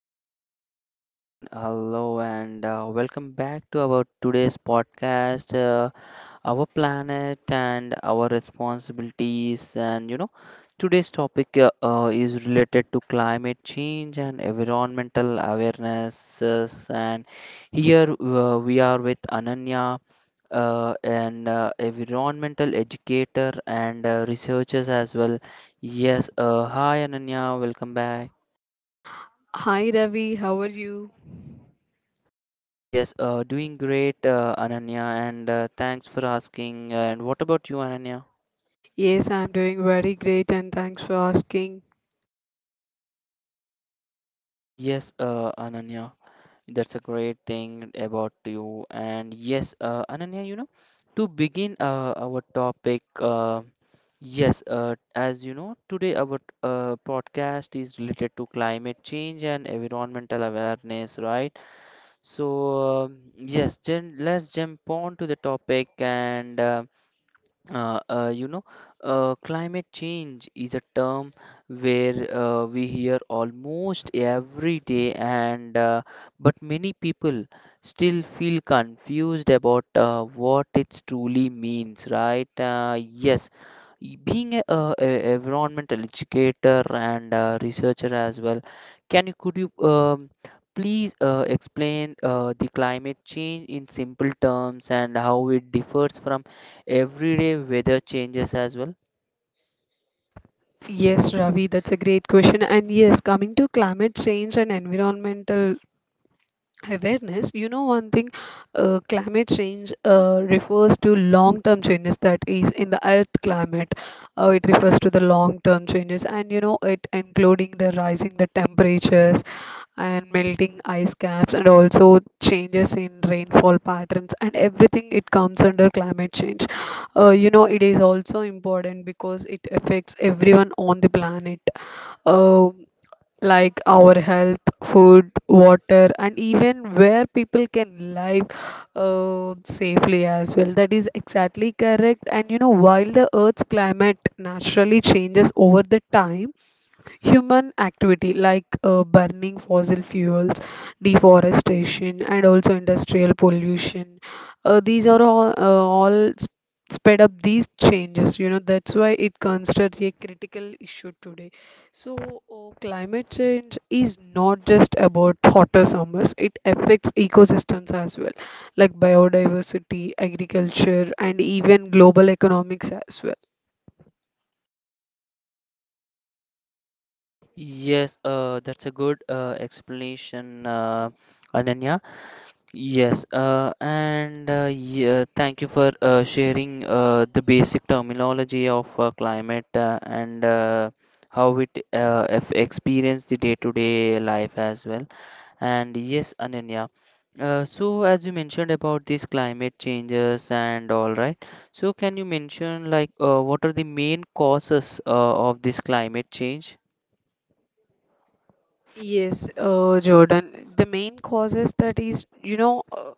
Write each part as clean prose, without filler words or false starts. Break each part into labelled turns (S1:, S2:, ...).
S1: Hello everyone, hello and welcome back to our today's podcast, our planet and our responsibilities. And you know, today's topic is related to climate change and environmental awareness. And here we are with Ananya, an environmental educator and researchers as well. Yes, hi Ananya, welcome back.
S2: Hi Ravi, how are you?
S1: Yes, doing great, Ananya, and thanks for asking. And what about you, Ananya?
S2: Yes, I'm doing very great and thanks for asking.
S1: Yes, Ananya, that's a great thing about you. And yes, Ananya, you know, to begin our topic. Yes, as you know, today our podcast is related to climate change and environmental awareness, right? So then let's jump on to the topic and you know, climate change is a term where we hear almost every day, and but many people still feel confused about what it truly means, right? Being a environmental educator and researcher as well, can you could you please explain the climate change in simple terms and how it differs from everyday weather changes as well.
S2: Yes, Ravi, that's a great question. And yes, coming to climate change and environmental awareness, you know, one thing, climate change refers to long term changes, that is in the earth climate. Uh, it refers to the long term changes, and you know it, including the rising the temperatures and melting ice caps, and also changes in rainfall patterns and everything it comes under climate change. Uh, you know, it is also important because it affects everyone on the planet, Um like our health, food, water, and even where people can live safely as well. That is exactly correct. And you know, while the Earth's climate naturally changes over the time, human activity like burning fossil fuels, deforestation, and also industrial pollution, these are all, sped up these changes. You know, that's why it considered a critical issue today. So, climate change is not just about hotter summers, it affects ecosystems as well, like biodiversity, agriculture, and even global economics as well.
S1: Yes, that's a good explanation, Ananya. Yes, and yeah, thank you for sharing the basic terminology of climate and how it experience the day-to-day life as well. And yes, Ananya. So as you mentioned about these climate changes and all right, so can you mention like what are the main causes of this climate change?
S2: Yes, Jordan. The main causes that is, you know, uh,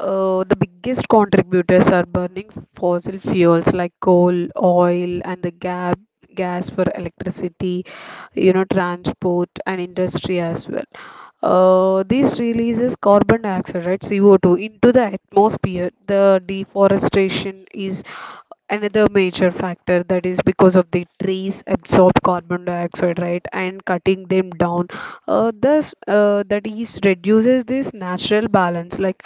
S2: uh, the biggest contributors are burning fossil fuels like coal, oil, and the gas for electricity, you know, transport and industry as well. This releases carbon dioxide, right, CO2, into the atmosphere. The deforestation is another major factor, that is because of the trees absorb carbon dioxide, right, and cutting them down, thus that is reduces this natural balance. Like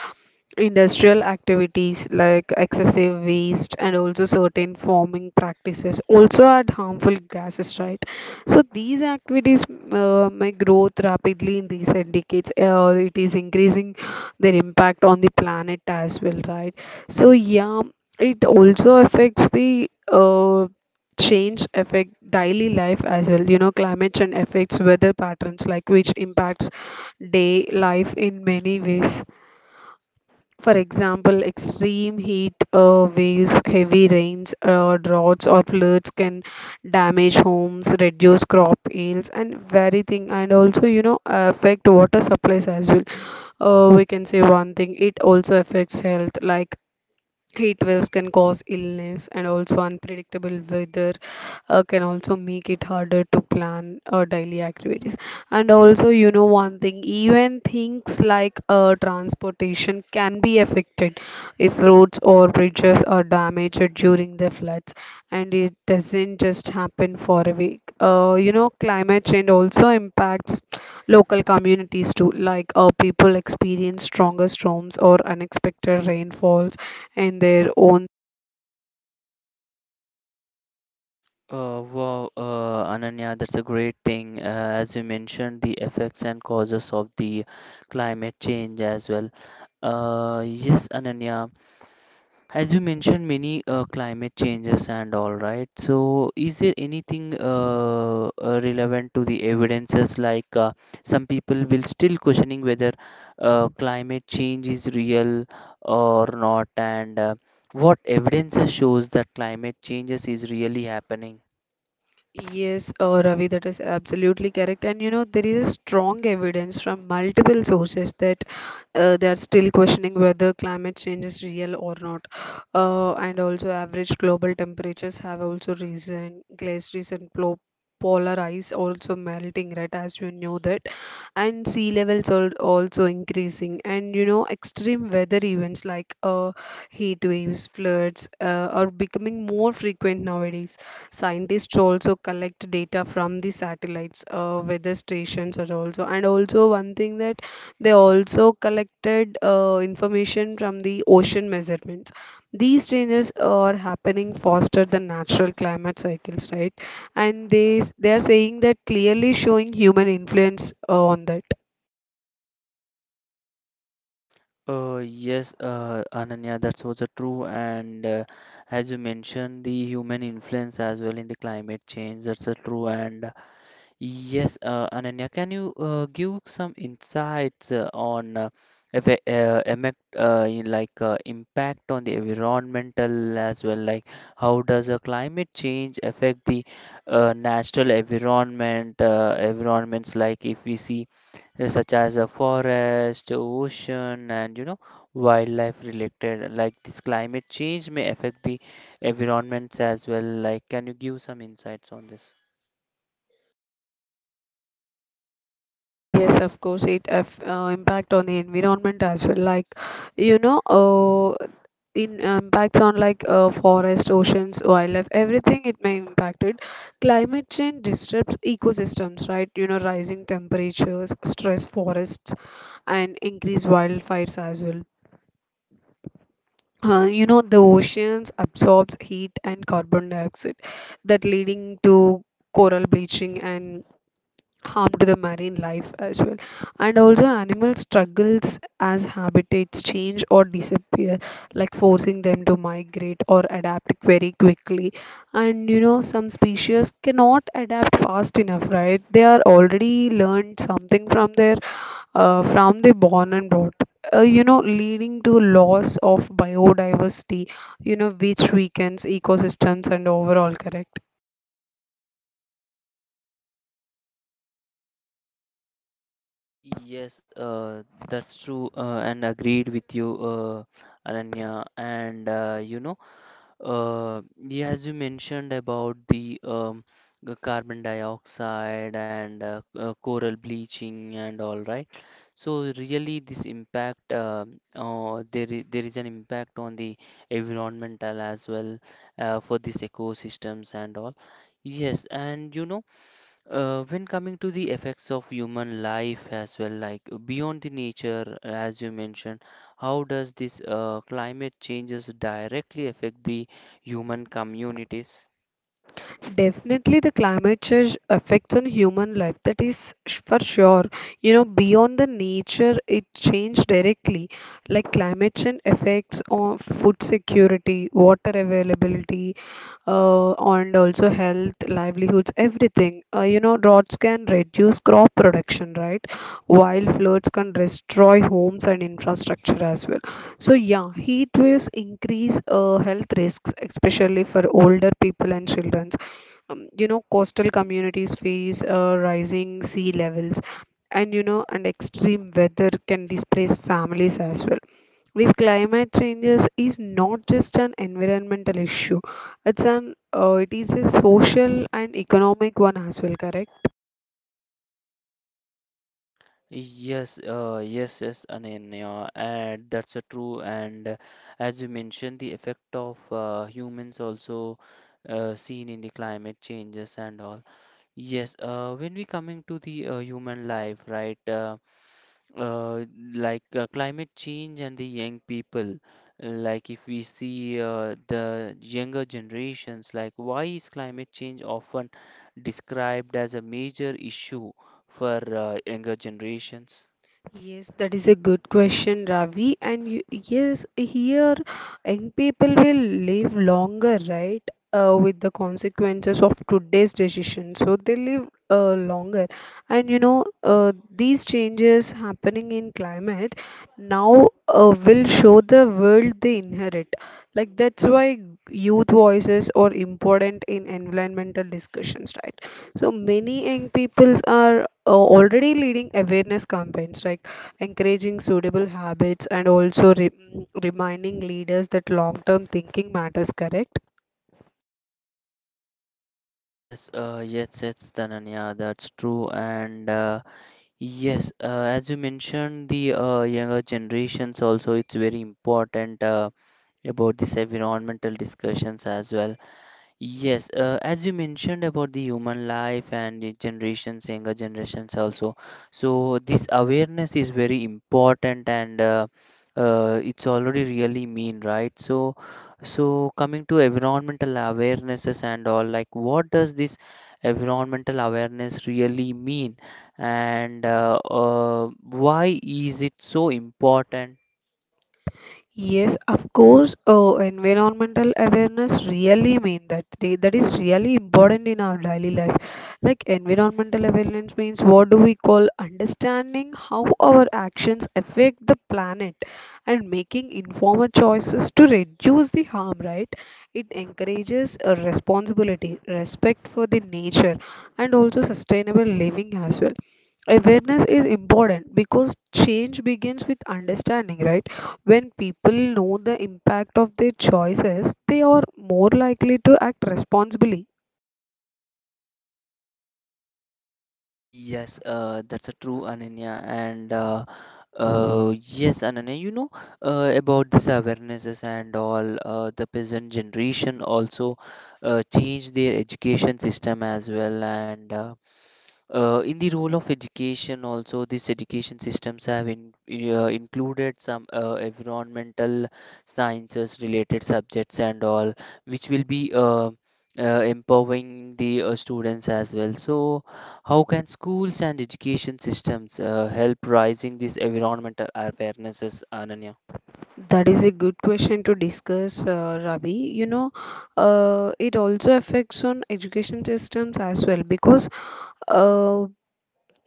S2: industrial activities, like excessive waste and also certain farming practices also add harmful gases, right? So these activities may growth rapidly in recent decades, it is increasing their impact on the planet as well, right? So yeah, it also affects the change, affect daily life as well. You know, climate change affects weather patterns, like which impacts day life in many ways. For example, extreme heat waves, heavy rains, droughts, or floods can damage homes, reduce crop yields, and everything, and also, you know, affect water supplies as well. We can say one thing, it also affects health, like heat waves can cause illness, and also unpredictable weather can also make it harder to plan daily activities. And also, you know, one thing, even things like transportation can be affected if roads or bridges are damaged during the floods, and it doesn't just happen for a week. You know, climate change also impacts local communities too, like people experience stronger storms or unexpected rainfall and their own.
S1: Wow, Ananya, that's a great thing. As you mentioned, the effects and causes of the climate change as well. Yes, Ananya, as you mentioned, many climate changes and all right. So, is there anything relevant to the evidences? Like, some people will still questioning whether climate change is real or not, and what evidences shows that climate changes is really happening.
S2: Yes, Ravi, that is absolutely correct. And you know, there is a strong evidence from multiple sources that they are still questioning whether climate change is real or not. And also, average global temperatures have also risen, polar ice also melting, right? As you know that, and sea levels are also increasing. And you know, extreme weather events like heat waves, floods are becoming more frequent nowadays. Scientists also collect data from the satellites, weather stations are also, and also one thing that they also collected information from the ocean measurements. These changes are happening faster than natural climate cycles, right? And they are saying that clearly showing human influence on that.
S1: Yes, Ananya, that's also true. And as you mentioned, the human influence as well in the climate change, that's a true. And yes, Ananya, can you give some insights on eve- emec- in like impact on the environmental as well? Like, how does a climate change affect the natural environment? Environments like if we see such as a forest, ocean, and you know wildlife related. Like this climate change may affect the environments as well. Like, can you give some insights on this?
S2: Yes, of course, it have impact on the environment as well. Like, you know, in impacts on like forest, oceans, wildlife, everything, it may impact it. Climate change disrupts ecosystems, right? You know, rising temperatures, stress forests, and increase wildfires as well. You know, the oceans absorbs heat and carbon dioxide, that leading to coral bleaching and harm to the marine life as well. And also, animal struggles as habitats change or disappear, like forcing them to migrate or adapt very quickly. And you know, some species cannot adapt fast enough, right? They are already learned something from their from the born and brought. You know, leading to loss of biodiversity, you know, which weakens ecosystems and overall, correct?
S1: Yes, that's true, and agreed with you, Ananya. And you know, yeah, as you mentioned about the carbon dioxide and coral bleaching and all, right? So really, this impact, there is an impact on the environmental as well for these ecosystems and all. Yes, and you know. When coming to the effects of human life as well, like beyond the nature, as you mentioned, how does this climate changes directly affect the human communities?
S2: Definitely, the climate change affects on human life. For sure. You know, beyond the nature, it changed directly. Like climate change affects on food security, water availability, and also health, livelihoods, everything. You know, droughts can reduce crop production, right? While floods can destroy homes and infrastructure as well. So yeah, heat waves increase health risks, especially for older people and children. Um, you know, coastal communities face rising sea levels, and you know, and extreme weather can displace families as well. These climate changes is not just an environmental issue, it is a social and economic one as well, correct?
S1: Yes, I mean, yeah, and that's a true. And as you mentioned, the effect of humans also seen in the climate changes and all. Yes, when we coming to the human life, right? Uh, like climate change and the young people, like if we see the younger generations, like why is climate change often described as a major issue for younger generations?
S2: Yes, that is a good question, Ravi. And you, yes, here young people will live longer, right? With the consequences of today's decision, so they live longer. And you know, these changes happening in climate now will show the world they inherit. Like, that's why youth voices are important in environmental discussions, right? So many young peoples are already leading awareness campaigns, right? Encouraging suitable habits, and also reminding leaders that long term thinking matters, correct.
S1: Yes, Tananya, that's true, and yes, as you mentioned, the younger generations also, it's very important about this environmental discussions as well. Yes, as you mentioned about the human life and the generations, younger generations also. So this awareness is very important, and it's already really mean, right? So, so coming to environmental awarenesses and all, like what does this environmental awareness really mean, and why is it so important?
S2: Yes, of course, environmental awareness really mean that that is really important in our daily life. Like, environmental awareness means what do we call understanding how our actions affect the planet and making informed choices to reduce the harm, right? It encourages a responsibility, respect for the nature, and also sustainable living as well. Awareness is important because change begins with understanding, right? When people know the impact of their choices, they are more likely to act responsibly.
S1: Yes, that's a true Ananya, and yes, Ananya, you know, about this awarenesses and all. The peasant generation also changed their education system as well, and in the role of education, also these education systems have in, included some environmental sciences related subjects and all, which will be empowering the students as well. So, how can schools and education systems help raising these environmental awarenesses, Ananya?
S2: That is a good question to discuss, Ravi. You know, it also affects on education systems as well, because uh,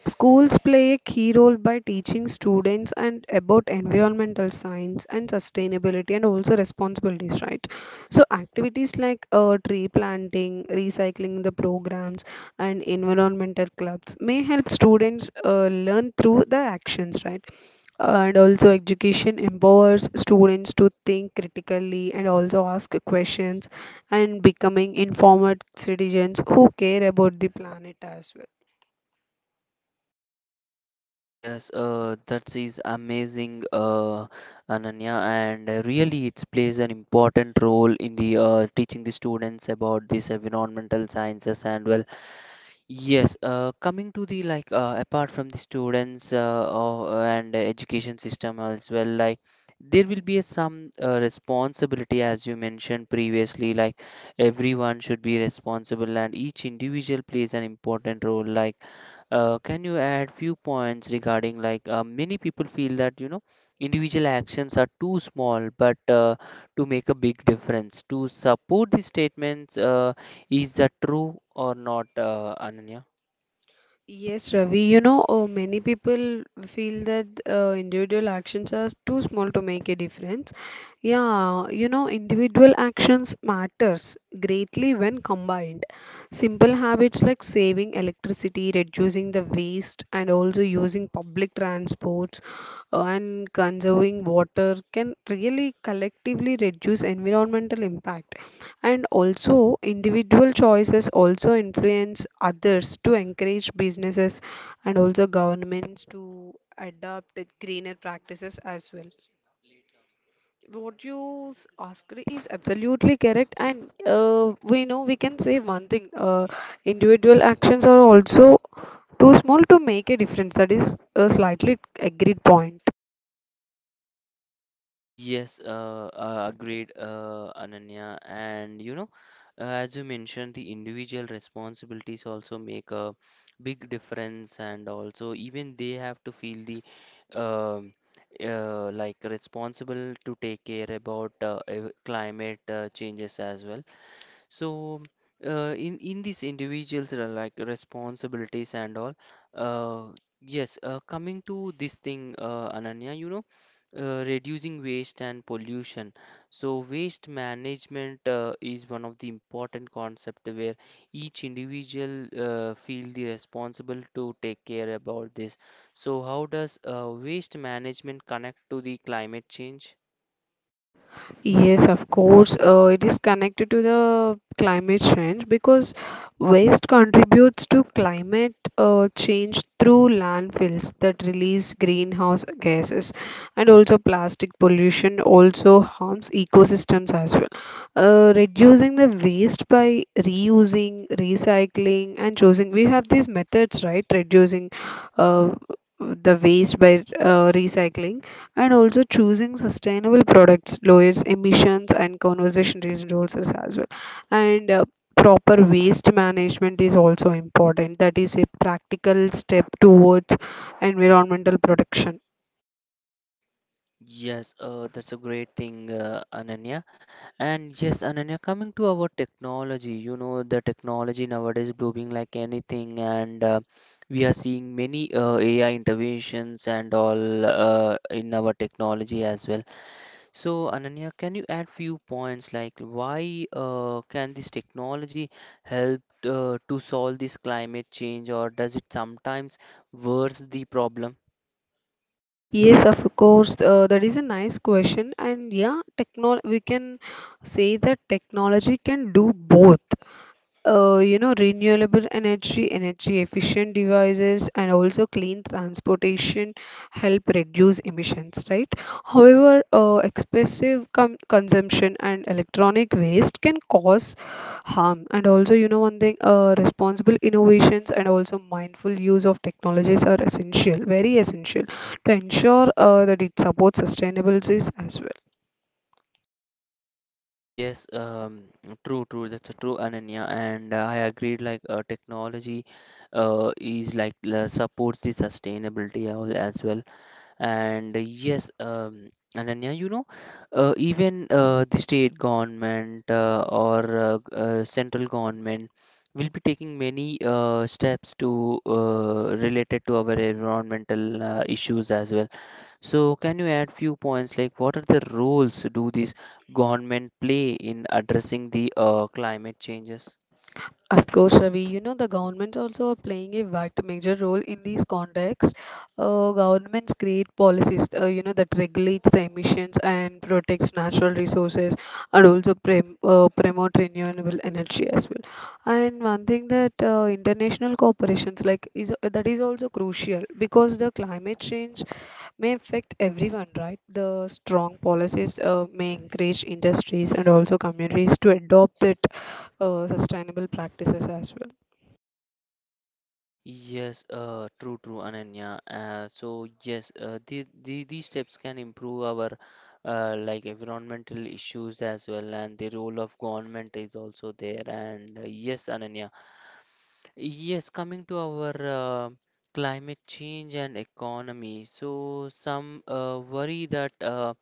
S2: schools play a key role by teaching students and about environmental science and sustainability and also responsibilities, right? So activities like tree planting, recycling the programs, and environmental clubs may help students learn through the actions, right? And also education empowers students to think critically and also ask questions, and becoming informed citizens who care about the planet as well.
S1: Yes, that is amazing, Ananya, and really it plays an important role in the teaching the students about this environmental sciences and well. Yes, coming to the, like apart from the students or and education system as well, like there will be some responsibility as you mentioned previously, like everyone should be responsible and each individual plays an important role. Like, can you add few points regarding, like many people feel that you know individual actions are too small, but to make a big difference. To support these statements. Is that true or not, Ananya?
S2: Yes, Ravi. You know, many people feel that individual actions are too small to make a difference. Yeah, you know, individual actions matters greatly when combined. Simple habits like saving electricity, reducing the waste, and also using public transports, and conserving water can really collectively reduce environmental impact, and also individual choices also influence others to encourage businesses and also governments to adopt the greener practices as well. What you asked is absolutely correct, and we know, we can say one thing, individual actions are also too small to make a difference, that is a slightly agreed point.
S1: Yes, agreed, Ananya. And you know, as you mentioned, the individual responsibilities also make a big difference, and also even they have to feel the um like responsible to take care about climate changes as well. So, in these individuals like responsibilities and all, uh, yes. Coming to this thing, Ananya, you know, reducing waste and pollution. So, waste management is one of the important concept where each individual feel the responsible to take care about this. So, how does waste management connect to the climate change?
S2: Yes, of course. It is connected to the climate change because waste contributes to climate change through landfills that release greenhouse gases, and also plastic pollution also harms ecosystems as well. Reducing the waste by reusing, recycling, and choosing. We have these methods, right? Reducing uh, the waste by recycling, and also choosing sustainable products lowers emissions and conservation resources as well. And proper waste management is also important, that is a practical step towards environmental protection.
S1: Yes, that's a great thing, Ananya. And yes, Ananya, coming to our technology, you know, the technology nowadays blooming like anything, and we are seeing many AI interventions and all in our technology as well. So, Ananya, can you add few points, like why can this technology help to solve this climate change, or does it sometimes worse the problem?
S2: Yes, of course, that is a nice question. And yeah, techno we can say that technology can do both. Uh, you know, renewable energy, energy efficient devices, and also clean transportation help reduce emissions, right? However, excessive consumption and electronic waste can cause harm. And also, you know, one thing, responsible innovations and also mindful use of technologies are essential, very essential to ensure that it supports sustainability as well.
S1: Yes, true, true. That's a true, Ananya, and I agreed. Like technology, is supports the sustainability as well. And yes, Ananya, you know, even the state government or central government will be taking many steps to related to our environmental issues as well. So can you add few points, like what are the roles do these government play in addressing the climate changes?
S2: Of course, Ravi, you know, the governments also are playing a vital major role in these contexts. Governments create policies, you know, that regulates the emissions and protects natural resources, and also prem promote renewable energy as well. And one thing that international corporations like is that is also crucial, because the climate change may affect everyone, right? The strong policies may encourage industries and also communities to adopt that sustainable practices as well.
S1: Yes, true, true, Ananya. So yes, the these steps can improve our like environmental issues as well, and the role of government is also there. And yes, Ananya. Yes, coming to our climate change and economy. So some worry that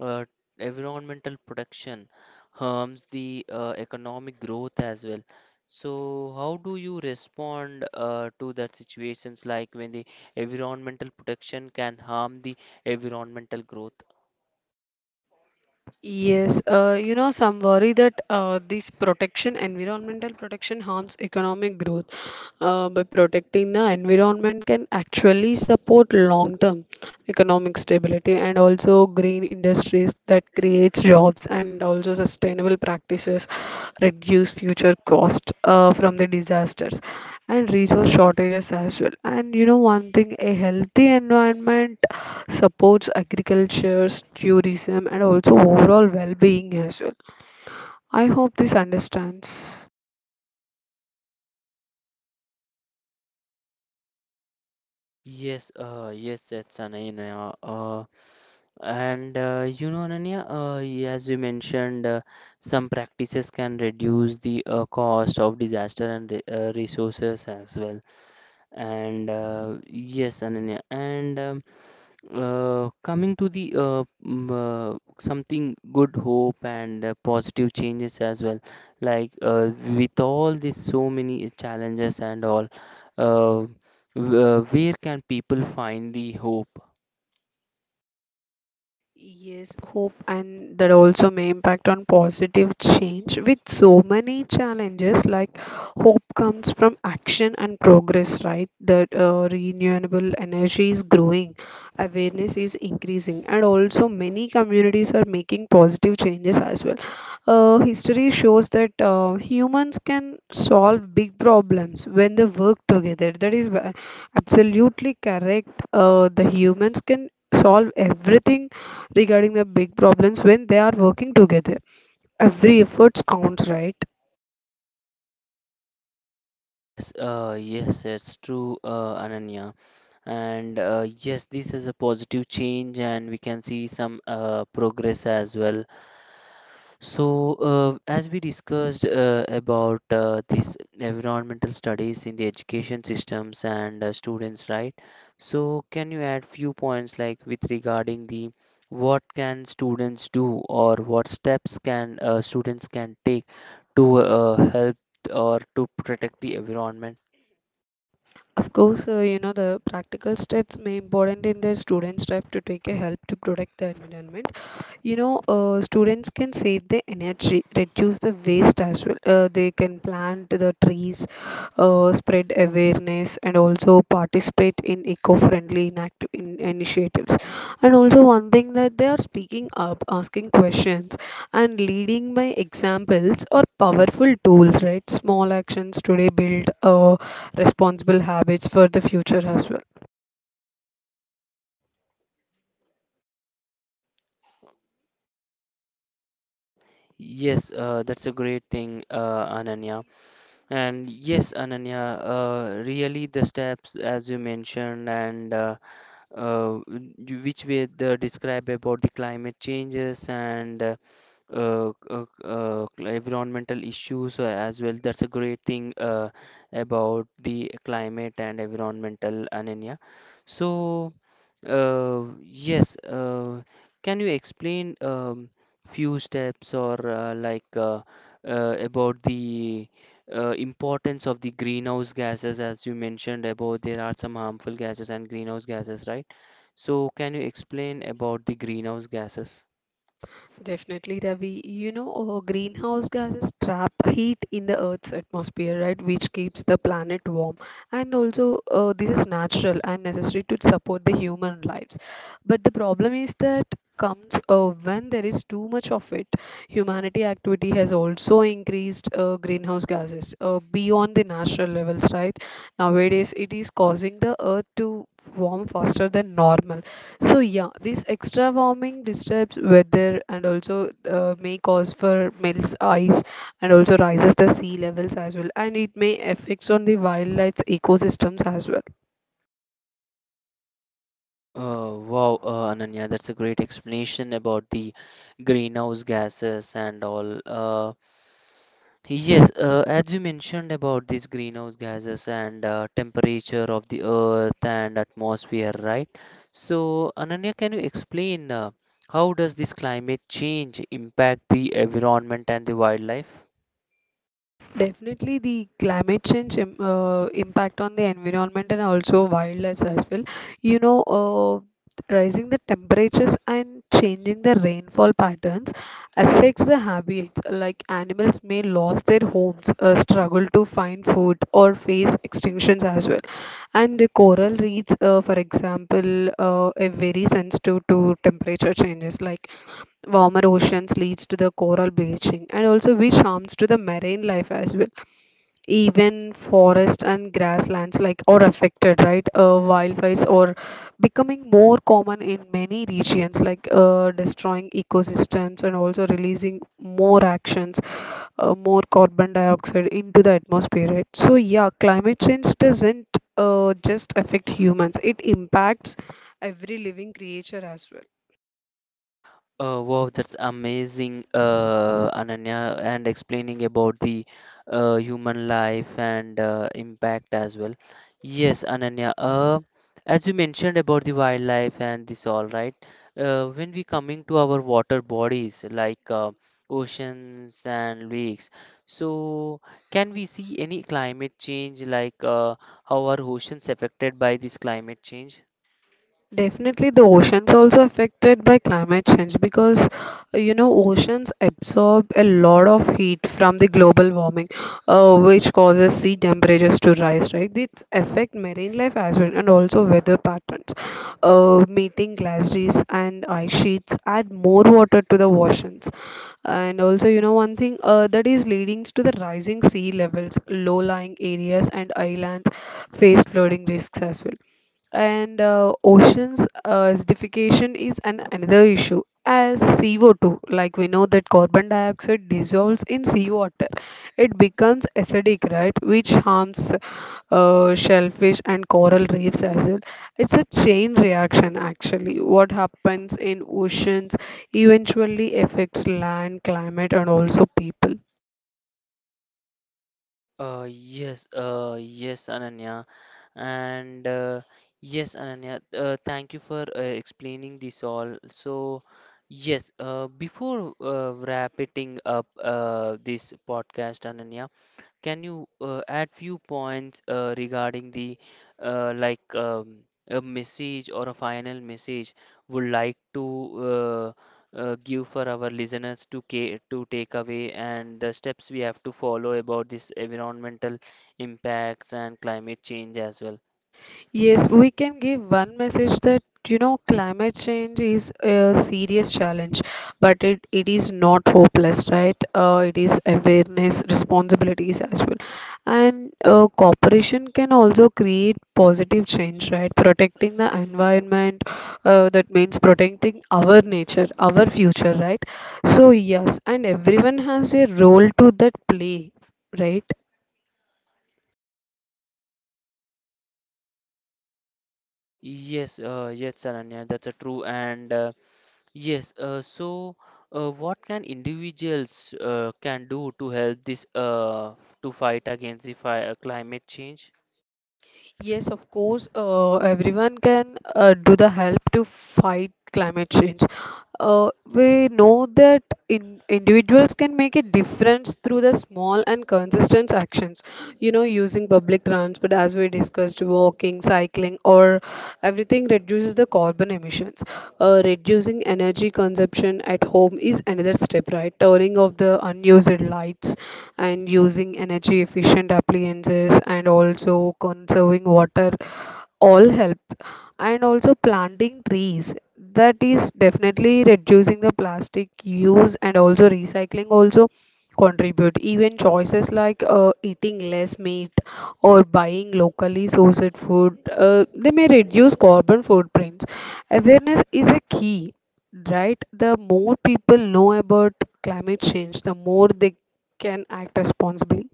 S1: uh, environmental protection harms the economic growth as well. So, how do you respond to that situations, like when the environmental protection can harm the environmental growth?
S2: Yes, you know, some worry that this protection, environmental protection, harms economic growth. By protecting the environment can actually support long-term economic stability, and also green industries that creates jobs, and also sustainable practices reduce future cost from the disasters and resource shortages as well. And you know, one thing, a healthy environment supports agriculture, tourism, and also overall well being as well. I hope this understands.
S1: Yes, yes, that's Ananya. And you know, Ananya, as you mentioned, some practices can reduce the cost of disaster and resources as well. And yes, Ananya, and coming to the something good hope and positive changes as well, like with all these so many challenges and all, uh, where can people find the hope?
S2: Yes, hope and that also may impact on positive change with so many challenges, like hope comes from action and progress, right? That renewable energy is growing, awareness is increasing, and also many communities are making positive changes as well. History shows that humans can solve big problems when they work together. That is absolutely correct. The humans can solve everything regarding the big problems when they are working together. Every effort counts, right?
S1: Yes, yes, it's true, Ananya, and yes, this is a positive change and we can see some progress as well. So, as we discussed about this environmental studies in the education systems and students, right? So, can you add few points, like with regarding the what can students do or what steps can students can take to help or to protect the environment?
S2: Of course, the practical steps may important in the students' type to take a help to protect the environment. Students can save the energy, reduce the waste as well. They can plant the trees, spread awareness, and also participate in eco-friendly in initiatives. And also one thing that they are speaking up, asking questions, and leading by examples are powerful tools, right? Small actions today build responsible habits for the future as well.
S1: Yes, that's a great thing, Ananya. And yes, Ananya, really the steps as you mentioned and uh, which way they describe about the climate changes and environmental issues as well. That's a great thing about the climate and environmental anemia. So. Yes, can you explain few steps or about the importance of the greenhouse gases, as you mentioned about there are some harmful gases and greenhouse gases, right? So can you explain about the greenhouse gases?
S2: Definitely, Ravi. Greenhouse gases trap heat in the Earth's atmosphere, right, which keeps the planet warm. And also, this is natural and necessary to support the human lives. But the problem is that comes when there is too much of it. Humanity activity has also increased greenhouse gases beyond the natural levels, right? Nowadays, it is causing the Earth to warm faster than normal. So yeah, this extra warming disturbs weather and also may cause for melts ice and also rises the sea levels as well, and it may affects on the wildlife ecosystems as well.
S1: Wow, Ananya, that's a great explanation about the greenhouse gases and all. Yes, as you mentioned about these greenhouse gases and temperature of the earth and atmosphere, right? So, Ananya, can you explain how does this climate change impact the environment and the wildlife?
S2: Definitely, the climate change im impact on the environment and also wildlife as well. You know, uh, Rising the temperatures and changing the rainfall patterns affects the habits. Like animals may lose their homes, struggle to find food, or face extinctions as well. And the coral reefs, for example, are very sensitive to temperature changes. Like warmer oceans leads to the coral bleaching, and also which harms to the marine life as well. Even forest and grasslands like are affected, right? Wildfires are becoming more common in many regions, like destroying ecosystems and also releasing more carbon dioxide into the atmosphere, right? So yeah, climate change doesn't just affect humans, it impacts every living creature as well.
S1: Wow, that's amazing, Ananya, and explaining about the human life and impact as well. Yes, Ananya, as you mentioned about the wildlife and this all, right? When we coming to our water bodies, like oceans and lakes, so can we see any climate change, like how are oceans affected by this climate change?
S2: Definitely, the oceans also affected by climate change because oceans absorb a lot of heat from the global warming, which causes sea temperatures to rise. Right, this affect marine life as well and also weather patterns. Meeting glaciers and ice sheets add more water to the oceans, and also, you know, one thing that is leading to the rising sea levels. Low-lying areas and islands face flooding risks as well. And oceans acidification is another issue. As CO2, like we know that carbon dioxide dissolves in seawater, it becomes acidic, right, which harms shellfish and coral reefs as well. It's a chain reaction. Actually, what happens in oceans eventually affects land climate and also people.
S1: Yes, Ananya, and yes, Ananya, thank you for explaining this all. So, yes, before wrapping up this podcast, Ananya, can you add few points regarding the uh, like um, a message or a final message would like to uh, give for our listeners to ca to take away and the steps we have to follow about this environmental impacts and climate change as well?
S2: Yes, we can give one message that, you know, climate change is a serious challenge, but it is not hopeless, right? It is awareness, responsibilities as well, and cooperation can also create positive change, right? Protecting the environment, that means protecting our nature, our future, right? So yes, and everyone has a role to that play, right?
S1: Yes, yes, Ananya, that's a true, and yes, so what can individuals can do to help this to fight against the fire, climate change?
S2: Yes, of course, everyone can do the help to fight climate change. We know that individuals can make a difference through the small and consistent actions. You know, using public transport, as we discussed, walking, cycling, or everything reduces the carbon emissions. Reducing energy consumption at home is another step, right? Turning off the unused lights and using energy efficient appliances, and also conserving water all help. And also planting trees, that is definitely reducing the plastic use, and also recycling also contribute. Even choices like eating less meat or buying locally sourced food, they may reduce carbon footprints. Awareness is a key, right? The more people know about climate change, the more they can act responsibly.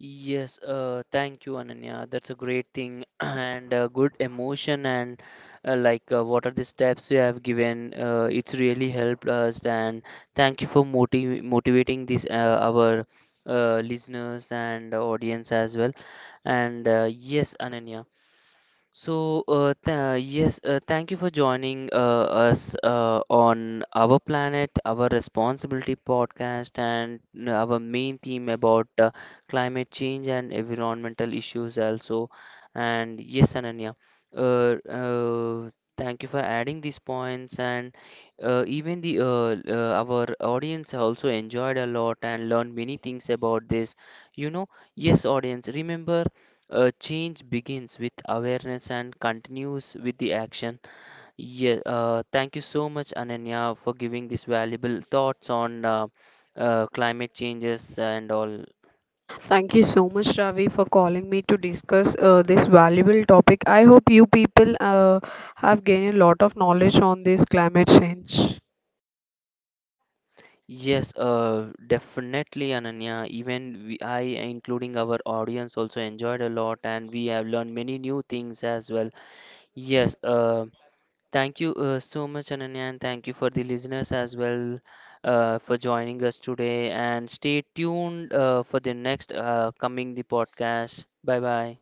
S1: Yes, thank you, Ananya. That's a great thing and a good emotion and what are the steps you have given? It's really helped us and thank you for motivating this our listeners and audience as well. And yes, Ananya. So, th yes, thank you for joining us on Our Planet, Our Responsibility podcast, and our main theme about climate change and environmental issues also. And yes, Ananya, uh, uh, thank you for adding these points. And even the our audience also enjoyed a lot and learned many things about this. You know, yes, audience, remember. Change begins with awareness and continues with the action. Yeah, thank you so much, Ananya, for giving these valuable thoughts on climate changes and all.
S2: Thank you so much, Ravi, for calling me to discuss this valuable topic. I hope you people have gained a lot of knowledge on this climate change.
S1: Yes, definitely, Ananya. Even I, including our audience, also enjoyed a lot, and we have learned many new things as well. Yes, thank you so much, Ananya, and thank you for the listeners as well for joining us today. And stay tuned for the next coming the podcast. Bye bye.